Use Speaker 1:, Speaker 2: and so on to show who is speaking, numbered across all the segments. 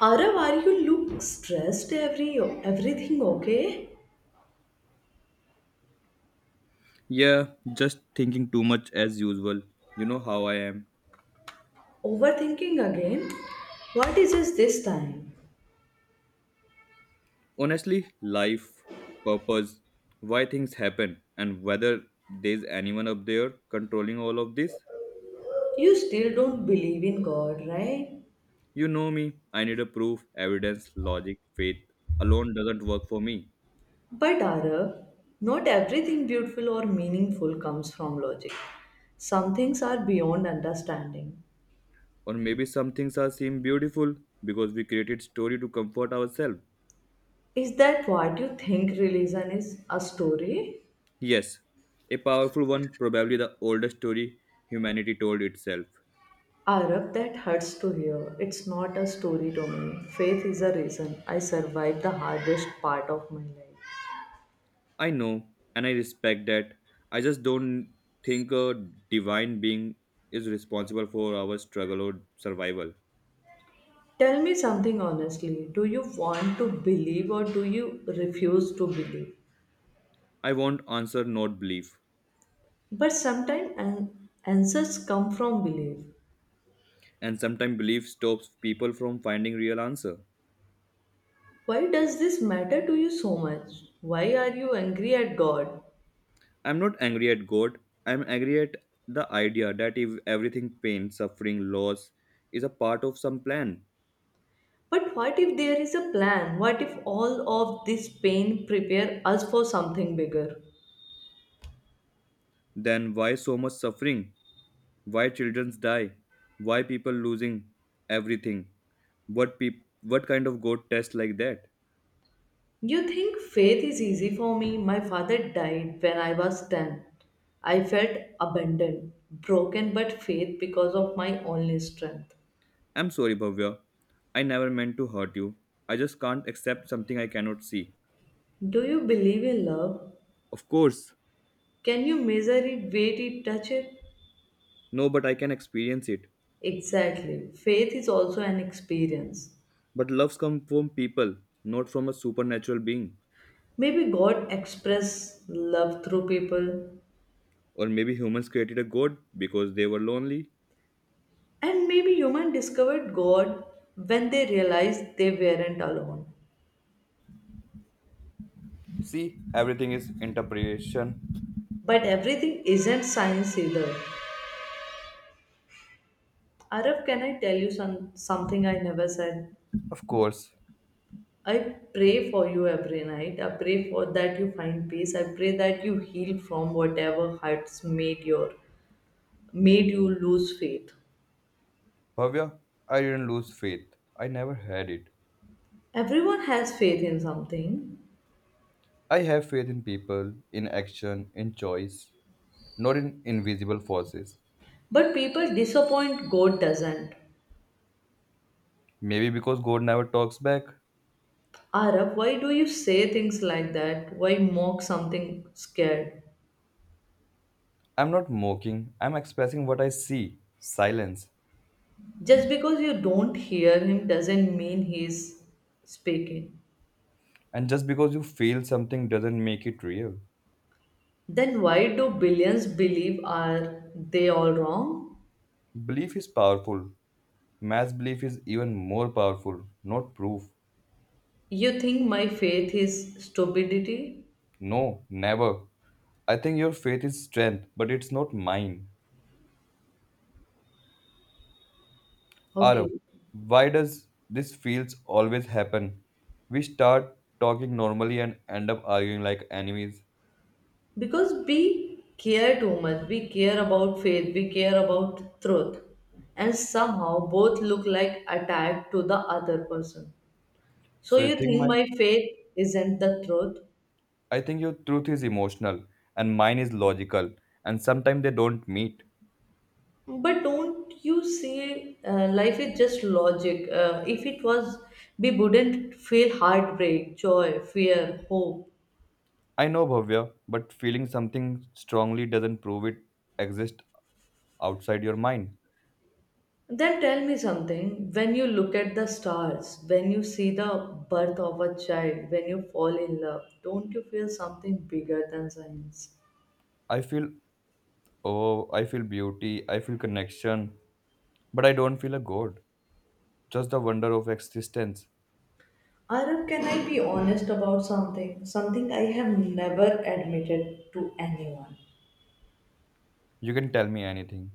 Speaker 1: Arav, are you look stressed everything okay?
Speaker 2: Yeah, just thinking too much as usual. You know how I am.
Speaker 1: Overthinking again? What is this time?
Speaker 2: Honestly, life, purpose, why things happen, and whether there's anyone up there controlling all of this.
Speaker 1: You still don't believe in God, right?
Speaker 2: You know me, I need a proof, evidence, logic, faith. Alone doesn't work for me.
Speaker 1: But Arav, not everything beautiful or meaningful comes from logic. Some things are beyond understanding.
Speaker 2: Or maybe some things are seem beautiful because we created story to comfort ourselves.
Speaker 1: Is that what you think religion is? A story?
Speaker 2: Yes, a powerful one, probably the oldest story humanity told itself.
Speaker 1: Arab, that hurts to hear. It's not a story to me. Faith is a reason I survived the hardest part of my life.
Speaker 2: I know, and I respect that. I just don't think a divine being is responsible for our struggle or survival.
Speaker 1: Tell me something honestly. Do you want to believe or do you refuse to believe?
Speaker 2: I want answer, not belief.
Speaker 1: But sometimes answers come from belief.
Speaker 2: And sometimes belief stops people from finding real answer.
Speaker 1: Why does this matter to you so much? Why are you angry at God?
Speaker 2: I'm not angry at God. I'm angry at the idea that if everything pain, suffering, loss is a part of some plan,
Speaker 1: But what if there is a plan? What if all of this pain prepare us for something bigger?
Speaker 2: then why so much suffering? Why children die? Why people losing everything? What what kind of God test like that?
Speaker 1: You think faith is easy for me? My father died when I was 10. I felt abandoned, broken, but faith because of my only strength.
Speaker 2: I'm sorry, Bhavya. I never meant to hurt you. I just can't accept something I cannot see.
Speaker 1: Do you believe in love?
Speaker 2: Of course,
Speaker 1: Can you measure it, weight it, touch it?
Speaker 2: no, but I can experience it.
Speaker 1: Exactly. Faith is also an experience.
Speaker 2: But loves come from people, not from a supernatural being.
Speaker 1: Maybe God expressed love through people,
Speaker 2: Or maybe humans created a god because they were lonely.
Speaker 1: and maybe humans discovered God when they realized they weren't alone.
Speaker 2: See, everything is interpretation.
Speaker 1: But everything isn't science either. Araf, can I tell you something I never said?
Speaker 2: Of course,
Speaker 1: I pray for you every night. I pray for that you find peace. I pray that you heal from whatever hurts made your made you lose faith.
Speaker 2: Bhavya, I didn't lose faith. I never had it.
Speaker 1: Everyone has faith in something,
Speaker 2: I have faith in people, in action, in choice, not in invisible forces.
Speaker 1: but people disappoint, God doesn't.
Speaker 2: Maybe because God never talks back.
Speaker 1: Arab, why do you say things like that? Why mock something scared?
Speaker 2: I'm not mocking, I'm expressing what I see silence.
Speaker 1: Just because you don't hear him doesn't mean he's speaking.
Speaker 2: And just because you feel something doesn't make it real.
Speaker 1: Then why do billions believe, are they all wrong?
Speaker 2: Belief is powerful. Mass belief is even more powerful, not proof.
Speaker 1: You think my faith is stupidity?
Speaker 2: No, never. I think your faith is strength, but it's not mine.
Speaker 1: Okay.
Speaker 2: Arav, why does this feels always happen? We start talking normally and end up arguing like enemies.
Speaker 1: Because we care too much, we care about faith, we care about truth, and somehow both look like attack to the other person. So
Speaker 2: So you
Speaker 1: you
Speaker 2: think
Speaker 1: think
Speaker 2: my
Speaker 1: my faith isn't the truth,
Speaker 2: I think your truth is emotional, and mine is logical, and sometimes they don't meet.
Speaker 1: but don't you see, life is just logic. If it was, we wouldn't feel heartbreak, joy, fear, hope.
Speaker 2: I know, Bhavya, but feeling something strongly doesn't prove it exists outside your mind.
Speaker 1: Then tell me something. When you look at the stars, when you see the birth of a child, when you fall in love, don't you feel something bigger than science?
Speaker 2: I feel, oh, I feel beauty, I feel connection, but I don't feel a god, just the wonder of existence.
Speaker 1: Arab, can I be honest about something? Something I have never admitted to anyone.
Speaker 2: You can tell me anything.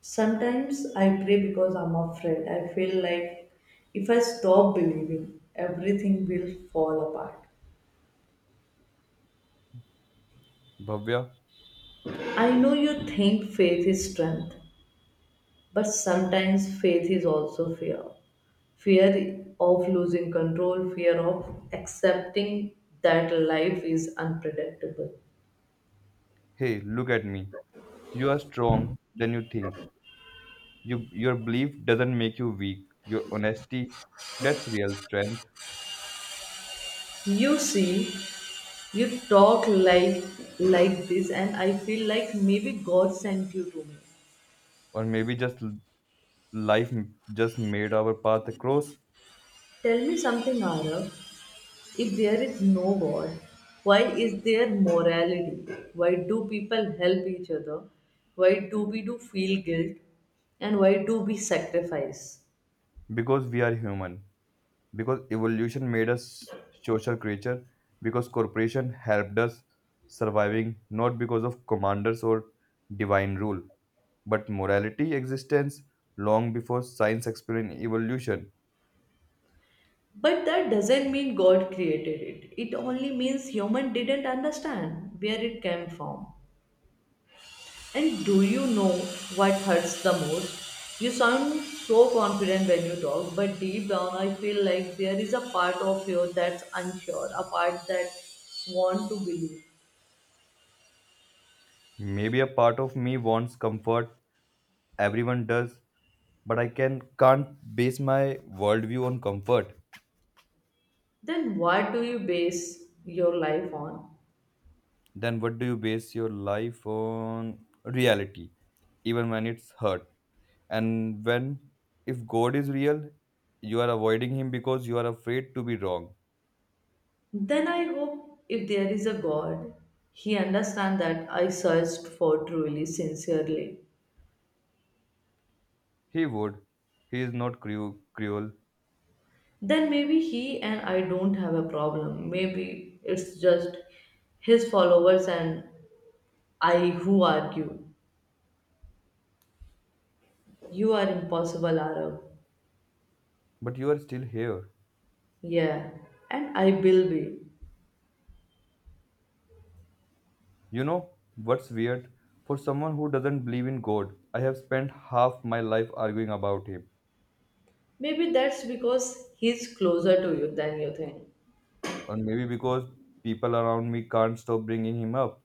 Speaker 1: Sometimes I pray because I'm afraid. I feel like if I stop believing, everything will fall apart.
Speaker 2: Bhavya,
Speaker 1: I know you think faith is strength, but sometimes faith is also fear. Fear of losing control, fear of accepting that life is unpredictable.
Speaker 2: hey, look at me. You are strong than you think. Your belief doesn't make you weak. Your honesty, that's real strength.
Speaker 1: You see, you talk like this, and I feel like maybe God sent you to me.
Speaker 2: Or maybe just life just made our path across.
Speaker 1: Tell me something, Arav. If there is no God, why is there morality? Why do people help each other? Why do we do feel guilt? And why do we sacrifice?
Speaker 2: Because we are human, because evolution made us social creature, because corporation helped us surviving, not because of commanders or divine rule, but morality existence long before science explained evolution.
Speaker 1: But that doesn't mean God created it. It only means human didn't understand where it came from. And do you know what hurts the most? You sound so confident when you talk, but deep down I feel like there is a part of you that's unsure, a part that want to believe.
Speaker 2: Maybe a part of me wants comfort. Everyone does, but I can't base my worldview on comfort.
Speaker 1: Then what do you base your life on?
Speaker 2: Then what do you base your life on? Reality, even when it's hurt. And when, if God is real, you are avoiding him because you are afraid to be wrong.
Speaker 1: Then I hope if there is a God, he understands that I searched for truly, sincerely.
Speaker 2: He would. He is not cruel.
Speaker 1: Then maybe he and I don't have a problem. Maybe it's just his followers and I who argue. You are impossible, Arab.
Speaker 2: But you are still here.
Speaker 1: Yeah, and I will be.
Speaker 2: You know what's weird? For someone who doesn't believe in God, I have spent half my life arguing about him.
Speaker 1: Maybe that's because he's closer to you than you think.
Speaker 2: Or maybe because people around me can't stop bringing him up.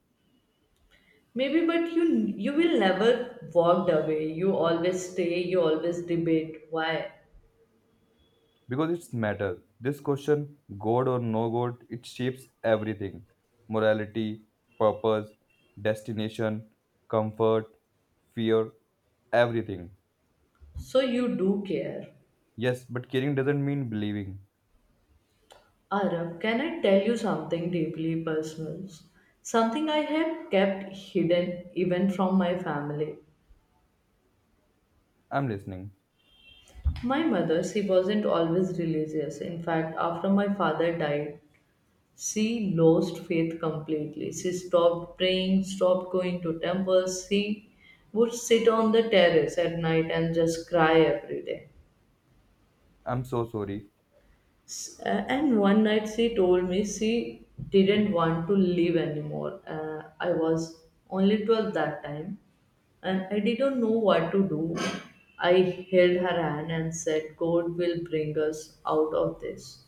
Speaker 1: Maybe, but you will never walked away. You always stay. You always debate. Why?
Speaker 2: Because it's matter, this question. God or no God, it shapes everything. Morality, purpose, destination, comfort, fear, everything.
Speaker 1: So you do care.
Speaker 2: Yes, but caring doesn't mean believing.
Speaker 1: Arab, can I tell you something deeply personal? Something I have kept hidden even from my family.
Speaker 2: I'm listening.
Speaker 1: My mother, she wasn't always religious. In fact, after my father died, she lost faith completely. She stopped praying, stopped going to temples. She would sit on the terrace at night and just cry every day.
Speaker 2: I'm so sorry,
Speaker 1: And one night she told me she didn't want to live anymore. I was only 12 that time, and I didn't know what to do. I held her hand and said, God will bring us out of this.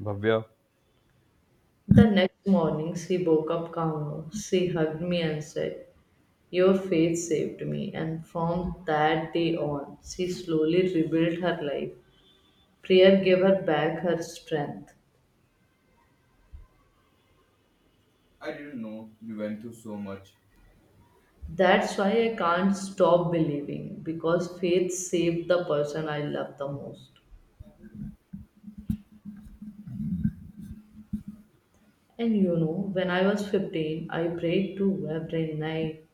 Speaker 2: Bhavya.
Speaker 1: The next morning, she woke up calmer. She hugged me and said, your faith saved me. And from that day on, she slowly rebuilt her life. Prayer gave her back her strength.
Speaker 2: I didn't know you went through so much.
Speaker 1: That's why I can't stop believing, because faith saved the person I love the most. And you know, when I was 15, I prayed to every night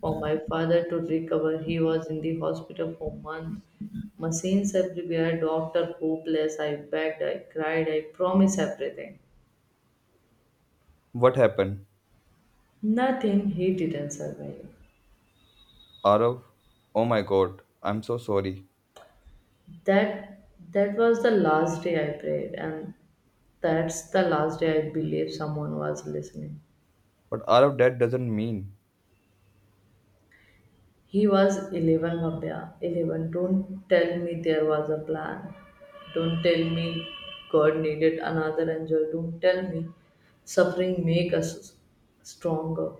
Speaker 1: for my father to recover. He was in the hospital for months, machines everywhere, doctor hopeless. I begged, I cried, I promised everything.
Speaker 2: What happened?
Speaker 1: Nothing, he didn't survive.
Speaker 2: Arav, oh my God, I'm so sorry.
Speaker 1: That that was the last day I prayed, and that's the last day I believe someone was listening.
Speaker 2: But Arav, that doesn't mean
Speaker 1: He was 11, Bhavya. 11. Don't tell me there was a plan. Don't tell me God needed another angel. Don't tell me suffering make us stronger.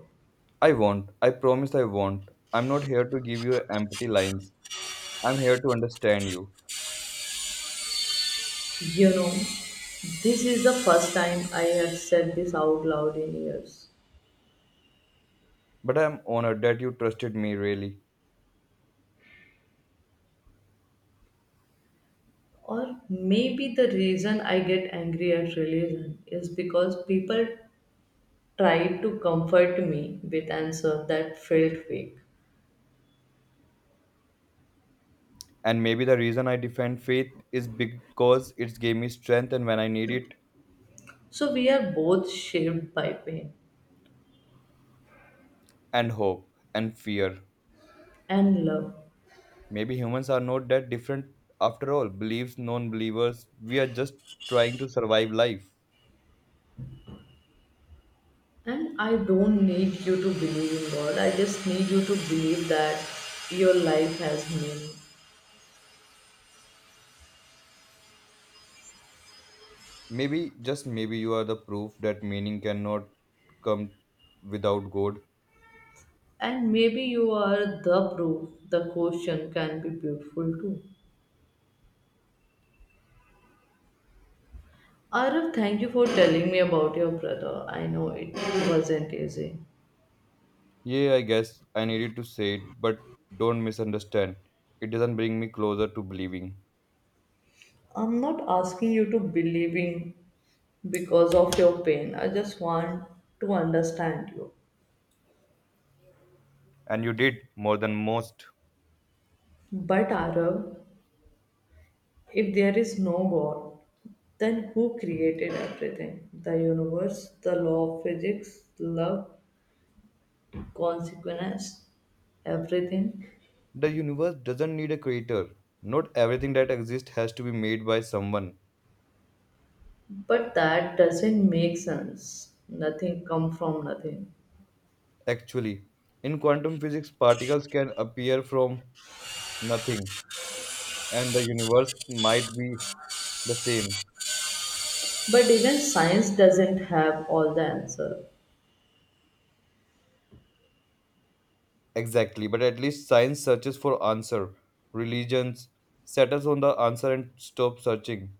Speaker 2: I won't, I promise I won't. I'm not here to give you empty lines. I'm here to understand you,
Speaker 1: You know, this is the first time I have said this out loud in years.
Speaker 2: but I'm honored that you trusted me, really.
Speaker 1: Or maybe the reason I get angry at religion is because people tried to comfort me with answers that felt fake.
Speaker 2: And maybe the reason I defend faith is because it's gave me strength and when I need it,
Speaker 1: So we are both shaped by pain.
Speaker 2: and hope and fear.
Speaker 1: And love.
Speaker 2: Maybe humans are not that different after all. Beliefs, non believers, we are just trying to survive life.
Speaker 1: And I don't need you to believe in God. I just need you to believe that your life has meaning.
Speaker 2: Maybe, just maybe, you are the proof that meaning cannot come without God.
Speaker 1: And maybe you are the proof the question can be beautiful too. Arav, thank you for telling me about your brother. I know it wasn't easy.
Speaker 2: Yeah, I guess I needed to say it, but don't misunderstand. It doesn't bring me closer to believing.
Speaker 1: I'm not asking you to believe in because of your pain. I just want to understand you.
Speaker 2: And you did more than most.
Speaker 1: But Arav, if there is no God, then who created everything? The universe, the law of physics, love, consequence, everything.
Speaker 2: The universe doesn't need a creator. Not everything that exists has to be made by someone.
Speaker 1: But that doesn't make sense. Nothing come from nothing.
Speaker 2: Actually, in quantum physics, particles can appear from nothing, and the universe might be the same.
Speaker 1: But even science doesn't have all the answer.
Speaker 2: Exactly, but at least science searches for answer. Religions settles on the answer and stop searching,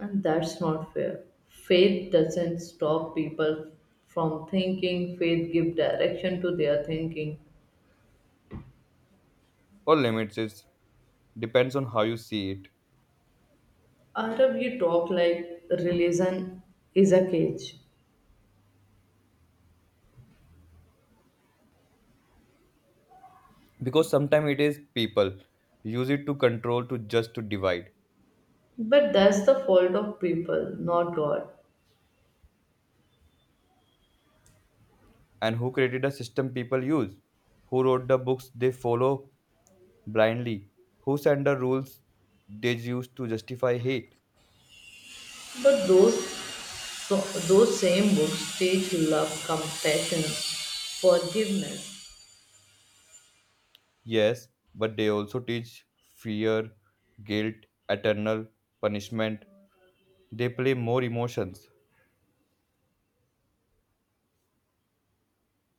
Speaker 1: And that's not fair. Faith doesn't stop people from thinking. Faith give direction to their thinking.
Speaker 2: or limits it. Depends on how you see it.
Speaker 1: Arab, you talk like religion is a cage.
Speaker 2: Because sometimes it is people use it to control, to just to divide.
Speaker 1: But that's the fault of people, not God.
Speaker 2: And who created a system people use, who wrote the books they follow blindly, who set the rules they use to justify hate.
Speaker 1: But those same books teach love, compassion, forgiveness.
Speaker 2: Yes, but they also teach fear, guilt, eternal punishment. They play more emotions.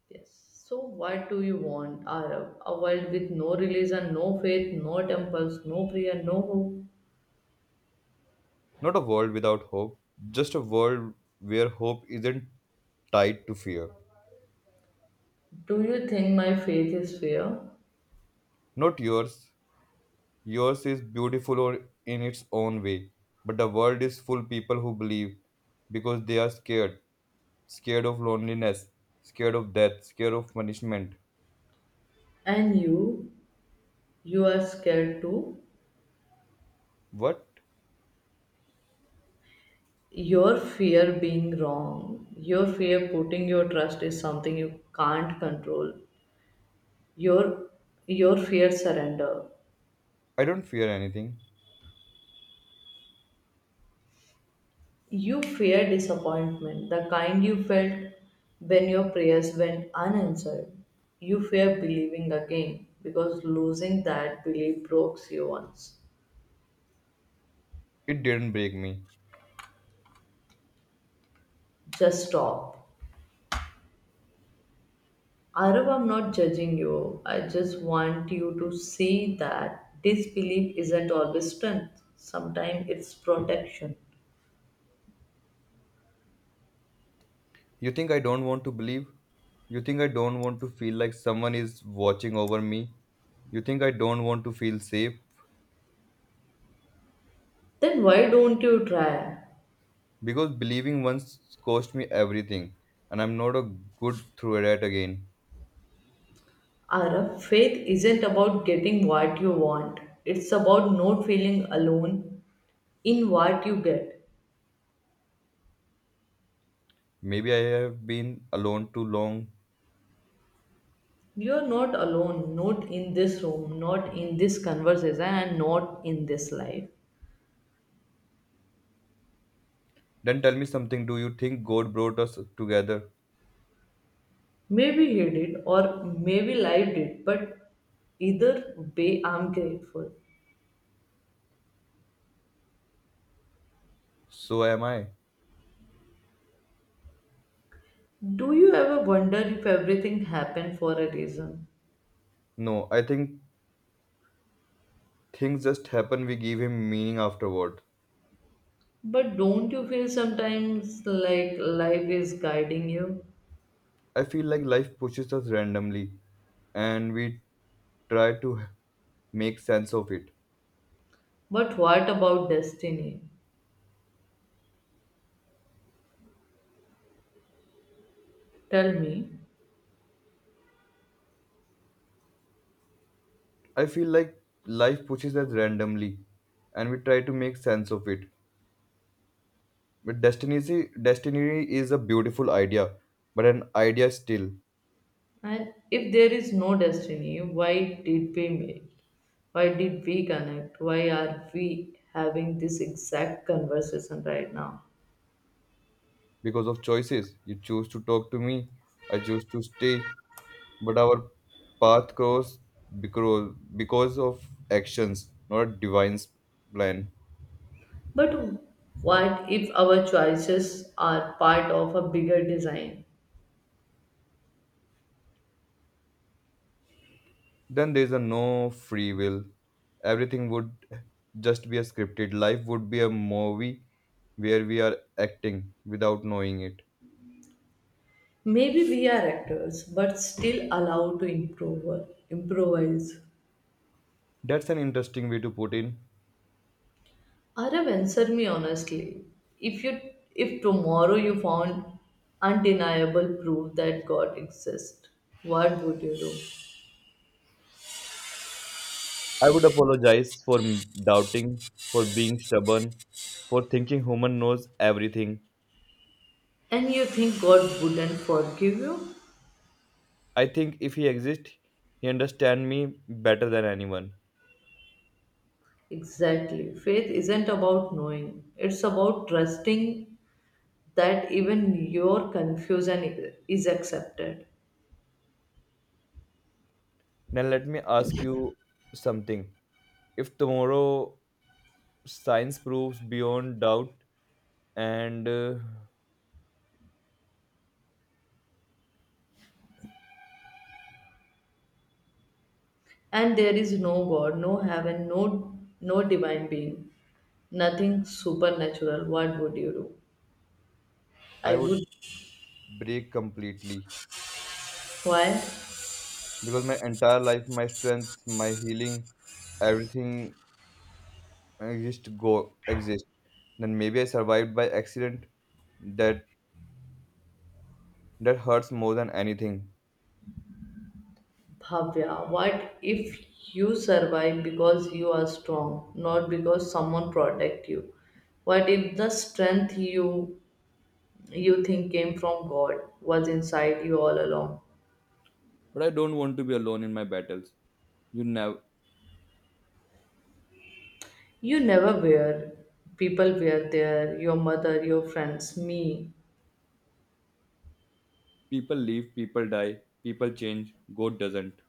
Speaker 1: Yes. So what do you want, Arab? A world with no religion, no faith, no temples, no prayer, no hope.
Speaker 2: Not a world without hope, just a world where hope isn't tied to fear.
Speaker 1: Do you think my faith is fear?
Speaker 2: Not yours. Yours is beautiful or in its own way, but the world is full people who believe because they are scared. Scared of loneliness, scared of death, scared of punishment.
Speaker 1: And you are scared too.
Speaker 2: What?
Speaker 1: Your fear being wrong, your fear putting your trust is something you can't control. Your your fear surrender.
Speaker 2: I don't fear anything.
Speaker 1: You fear disappointment, the kind you felt when your prayers went unanswered. You fear believing again because losing that belief breaks you once.
Speaker 2: It didn't break me.
Speaker 1: Just stop. Arav, I'm not judging you. I just want you to see that disbelief isn't always strength. Sometimes it's protection.
Speaker 2: You think I don't want to believe? You think I don't want to feel like someone is watching over me? You think I don't want to feel safe?
Speaker 1: Then why don't you try?
Speaker 2: Because believing once cost me everything, and I'm not a good through that again.
Speaker 1: Arab, faith isn't about getting what you want. It's about not feeling alone in what you get.
Speaker 2: Maybe I have been alone too long.
Speaker 1: You're not alone, not in this room, not in this conversation, and not in this life.
Speaker 2: Then tell me something. Do you think God brought us together?
Speaker 1: Maybe he did, or maybe life did, but either way, I'm grateful.
Speaker 2: So am I.
Speaker 1: Do you ever wonder if everything happened for a reason?
Speaker 2: No, I think things just happen, we give him meaning afterward.
Speaker 1: But don't you feel sometimes like life is guiding you?
Speaker 2: I feel like life pushes us randomly and we try to make sense of it.
Speaker 1: But what about destiny? Tell me.
Speaker 2: I feel like life pushes us randomly and we try to make sense of it. But destiny, destiny is a beautiful idea, but an idea still.
Speaker 1: And if there is no destiny, why did we meet? Why did we connect? Why are we having this exact conversation right now?
Speaker 2: Because of choices. You choose to talk to me, I choose to stay, but our path grows because, of actions, not divine's plan.
Speaker 1: But what if our choices are part of a bigger design?
Speaker 2: Then there's a no free will. Everything would just be a scripted. Life would be a movie where we are acting without knowing it.
Speaker 1: Maybe we are actors, but still allowed to improvise.
Speaker 2: That's an interesting way to put in.
Speaker 1: Arav, answer me honestly. If you, if tomorrow you found undeniable proof that God exists, what would you do?
Speaker 2: I would apologize for doubting, for being stubborn, for thinking human knows everything.
Speaker 1: And you think God wouldn't forgive you?
Speaker 2: I think if he exists, he understands me better than anyone.
Speaker 1: Exactly. Faith isn't about knowing, it's about trusting that even your confusion is accepted.
Speaker 2: Now let me ask you something. If tomorrow science proves beyond doubt and
Speaker 1: And there is no God, no heaven, no divine being, nothing supernatural. What would you do? I
Speaker 2: I would
Speaker 1: would.
Speaker 2: break completely
Speaker 1: Why?
Speaker 2: because my entire life, my strength, my healing, everything exist. Then maybe I survived by accident. That that hurts more than anything.
Speaker 1: Bhavya, what if you survive because you are strong, not because someone protect you? What if the strength you think came from God was inside you all along.
Speaker 2: But I don't want to be alone in my battles. You never
Speaker 1: You never were. People were there, your mother, your friends, me.
Speaker 2: People leave, people die, people change. God doesn't.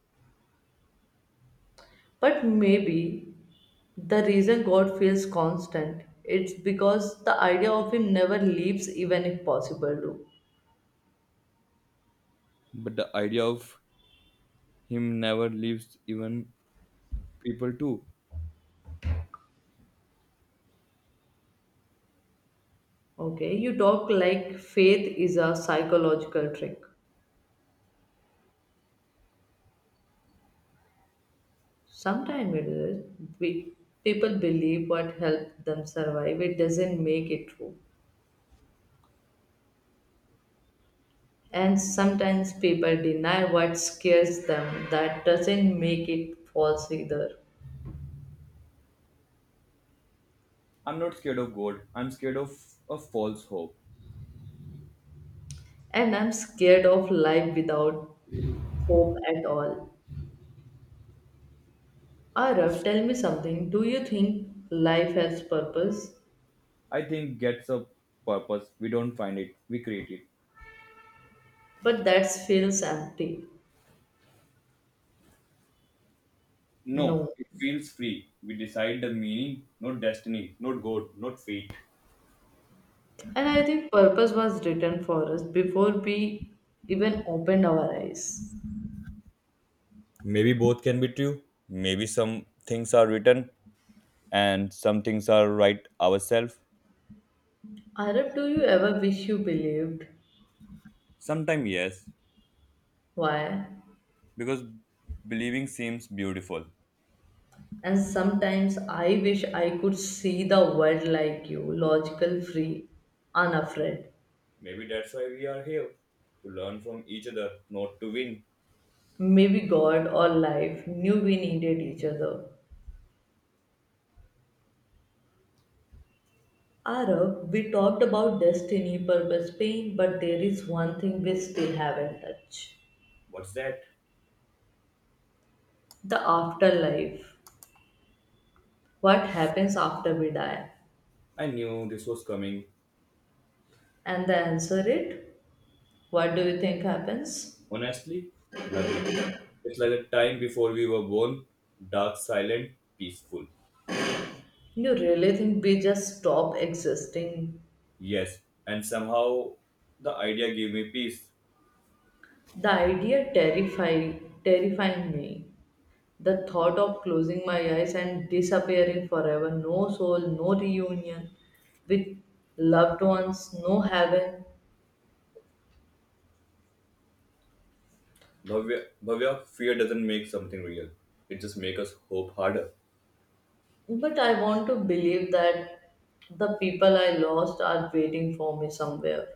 Speaker 1: But maybe the reason God feels constant, it's because the idea of Him never leaves, even if possible to.
Speaker 2: But the idea of him never leaves, even people too.
Speaker 1: Okay, you talk like faith is a psychological trick. Sometimes it is. We, people believe what helped them survive. It doesn't make it true. And sometimes people deny what scares them. That doesn't make it false either.
Speaker 2: I'm not scared of God. I'm scared of a false hope.
Speaker 1: And I'm scared of life without hope at all. Arav, tell me something. Do you think life has purpose?
Speaker 2: I think gets a purpose. We don't find it. We create it.
Speaker 1: But that feels empty.
Speaker 2: No,
Speaker 1: No.
Speaker 2: it feels free. We decide the meaning, not destiny, not God, not fate.
Speaker 1: And I think purpose was written for us before we even opened our eyes.
Speaker 2: Maybe both can be true. Maybe some things are written and some things are right ourselves.
Speaker 1: Arav, do you ever wish you believed?
Speaker 2: Sometimes, yes,
Speaker 1: Why?
Speaker 2: because believing seems beautiful.
Speaker 1: And sometimes I wish I could see the world like you, logical, free, unafraid.
Speaker 2: Maybe that's why we are here, to learn from each other, not to win.
Speaker 1: Maybe God or life knew we needed each other. Arab, we talked about destiny, purpose, pain, but there is one thing we still haven't touched,
Speaker 2: What's that?
Speaker 1: the afterlife. What happens after we die?
Speaker 2: I knew this was coming.
Speaker 1: And the answer it, what do you think happens?
Speaker 2: Honestly, nothing. It's like the time before we were born, dark, silent, peaceful.
Speaker 1: You really think we just stop existing?
Speaker 2: Yes, and somehow the idea gave me peace.
Speaker 1: The idea terrifying me. The thought of closing my eyes and disappearing forever, no soul, no reunion with loved ones, no heaven.
Speaker 2: Bhavya, Bhavya, fear doesn't make something real. It just makes us hope harder.
Speaker 1: But I want to believe that the people I lost are waiting for me somewhere.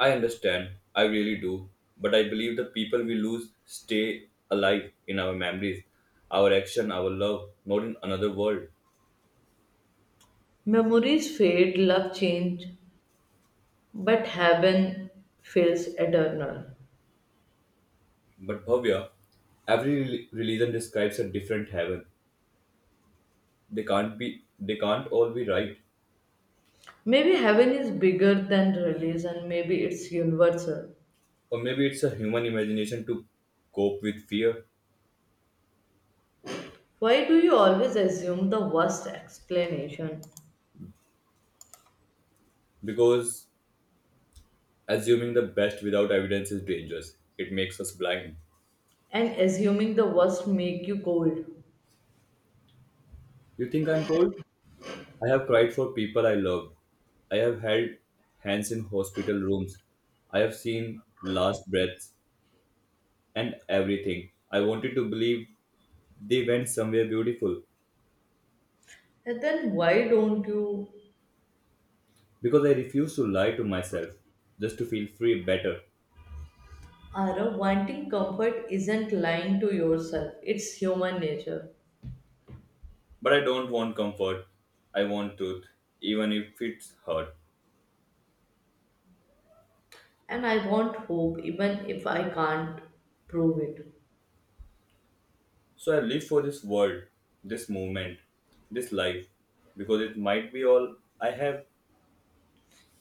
Speaker 2: I understand, I really do, but I believe the people we lose stay alive in our memories, our action, our love, not in another world.
Speaker 1: Memories fade, love change, but heaven feels eternal.
Speaker 2: But Bhavya, every religion describes a different heaven. They can't all be right.
Speaker 1: Maybe heaven is bigger than release, and maybe it's universal.
Speaker 2: Or maybe it's a human imagination to cope with fear,
Speaker 1: Why do you always assume the worst explanation?
Speaker 2: because assuming the best without evidence is dangerous. It makes us blind.
Speaker 1: And assuming the worst make you cold.
Speaker 2: You think I'm cold? I have cried for people I loved. I have held hands in hospital rooms. I have seen last breaths and everything. I wanted to believe they went somewhere beautiful
Speaker 1: And then why don't you.
Speaker 2: because I refuse to lie to myself just to feel free better.
Speaker 1: Ara, wanting comfort isn't lying to yourself, it's human nature.
Speaker 2: But I don't want comfort. I want truth, even if it's hard.
Speaker 1: And I want hope even if I can't prove it.
Speaker 2: So I live for this world, this moment, this life, because it might be all I have.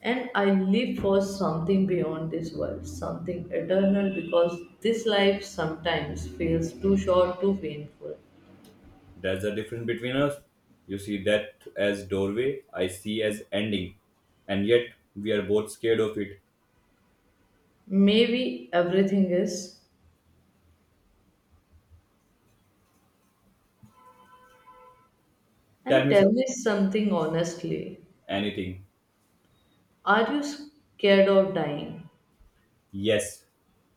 Speaker 1: And I live for something beyond this world, something eternal, because this life sometimes feels too short, too painful.
Speaker 2: That's the difference between us. You see that as doorway, I see as ending, and yet we are both scared of it.
Speaker 1: Maybe everything is.
Speaker 2: Tell
Speaker 1: And
Speaker 2: me
Speaker 1: tell
Speaker 2: something,
Speaker 1: me something honestly,
Speaker 2: anything.
Speaker 1: are you scared of dying?
Speaker 2: Yes,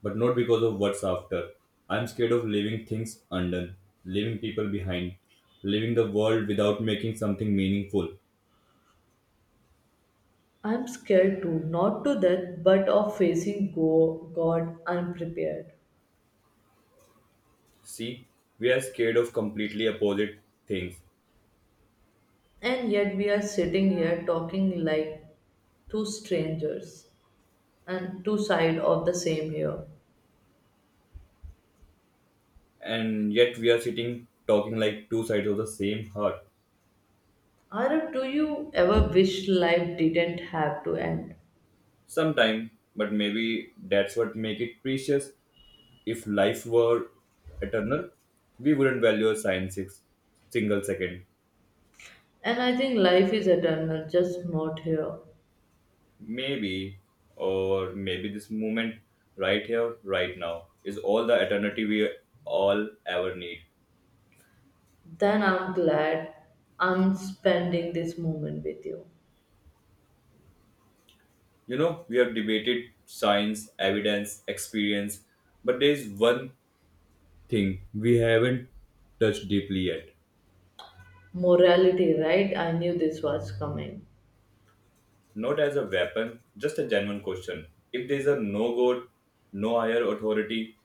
Speaker 2: but not because of what's after. I'm scared of leaving things undone, leaving people behind, leaving the world without making something meaningful.
Speaker 1: I'm scared too, not to death, but of facing God unprepared.
Speaker 2: See, we are scared of completely opposite things.
Speaker 1: And yet we are sitting here talking like two strangers and two sides of the same here.
Speaker 2: And yet we are sitting talking like two sides of the same heart.
Speaker 1: Arab, do you ever wish life didn't have to end?
Speaker 2: Sometime, but maybe that's what make it precious. If life were eternal, we wouldn't value a sign six single second.
Speaker 1: And I think life is eternal, just not here.
Speaker 2: Maybe, or maybe this moment, right here, right now, is all the eternity we all ever need.
Speaker 1: Then I'm glad I'm spending this moment with you.
Speaker 2: You know, we have debated science, evidence, experience, but there is one thing we haven't touched deeply yet.
Speaker 1: Morality, right? I knew this was coming.
Speaker 2: Not as a weapon, just a genuine question. If there's a no God, no higher authority,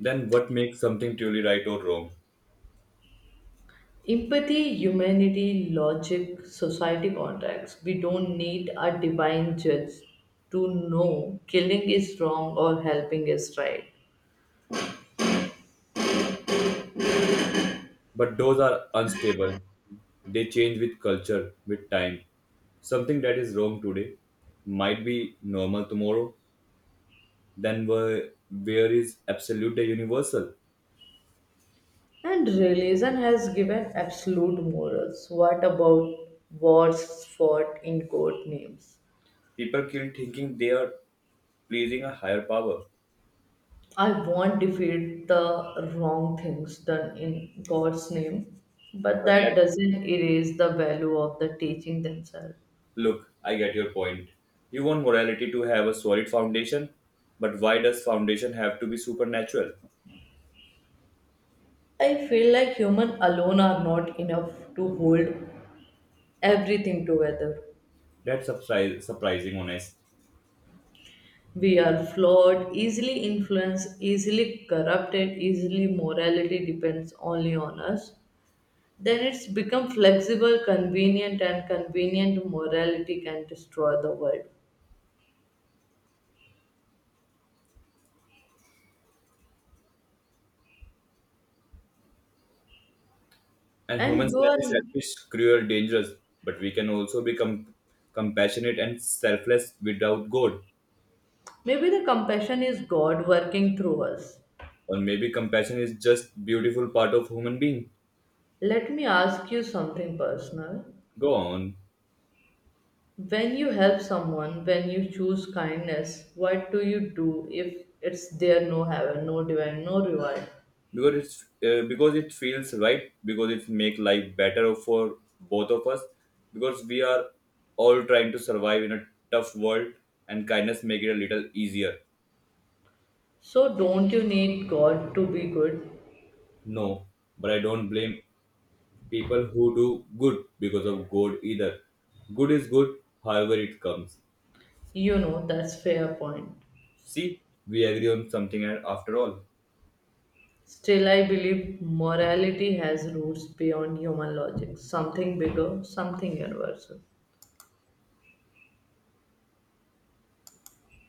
Speaker 2: then what makes something truly right or wrong?
Speaker 1: Empathy, humanity, logic, society contracts. We don't need a divine judge to know killing is wrong or helping is right.
Speaker 2: But those are unstable. They change with culture, with time. Something that is wrong today might be normal tomorrow. Then where is absolute and universal?
Speaker 1: And religion has given absolute morals. What about wars fought in court names?
Speaker 2: People kill thinking they are pleasing a higher power.
Speaker 1: I won't defeat the wrong things done in God's name, but
Speaker 2: But
Speaker 1: that
Speaker 2: that
Speaker 1: doesn't erase the value of the teaching themselves.
Speaker 2: Look, I get your point. You want morality to have a solid foundation, but why does foundation have to be supernatural?
Speaker 1: I feel like humans alone are not enough to hold everything together.
Speaker 2: That's surprising, honest.
Speaker 1: We are flawed, easily influenced, easily corrupted, easily morality depends only on us. Then it's become flexible, convenient, and convenient morality can destroy the world.
Speaker 2: And
Speaker 1: And
Speaker 2: humans
Speaker 1: you
Speaker 2: can
Speaker 1: are
Speaker 2: be selfish, cruel, dangerous, but we can also be compassionate and selfless without God.
Speaker 1: maybe the compassion is God working through us.
Speaker 2: Or maybe compassion is just beautiful part of human being.
Speaker 1: Let me ask you something personal.
Speaker 2: Go on.
Speaker 1: When you help someone, when you choose kindness, what do you do if it's there no heaven, no divine, no reward?
Speaker 2: because it's because it feels right, because it make life better for both of us, because we are all trying to survive in a tough world, and kindness make it a little easier.
Speaker 1: So don't you need God to be good?
Speaker 2: No, but I don't blame people who do good because of good either. Good is good, however it comes.
Speaker 1: You know, that's fair point.
Speaker 2: See, we agree on something after all.
Speaker 1: Still I believe morality has roots beyond human logic, something bigger, something universal.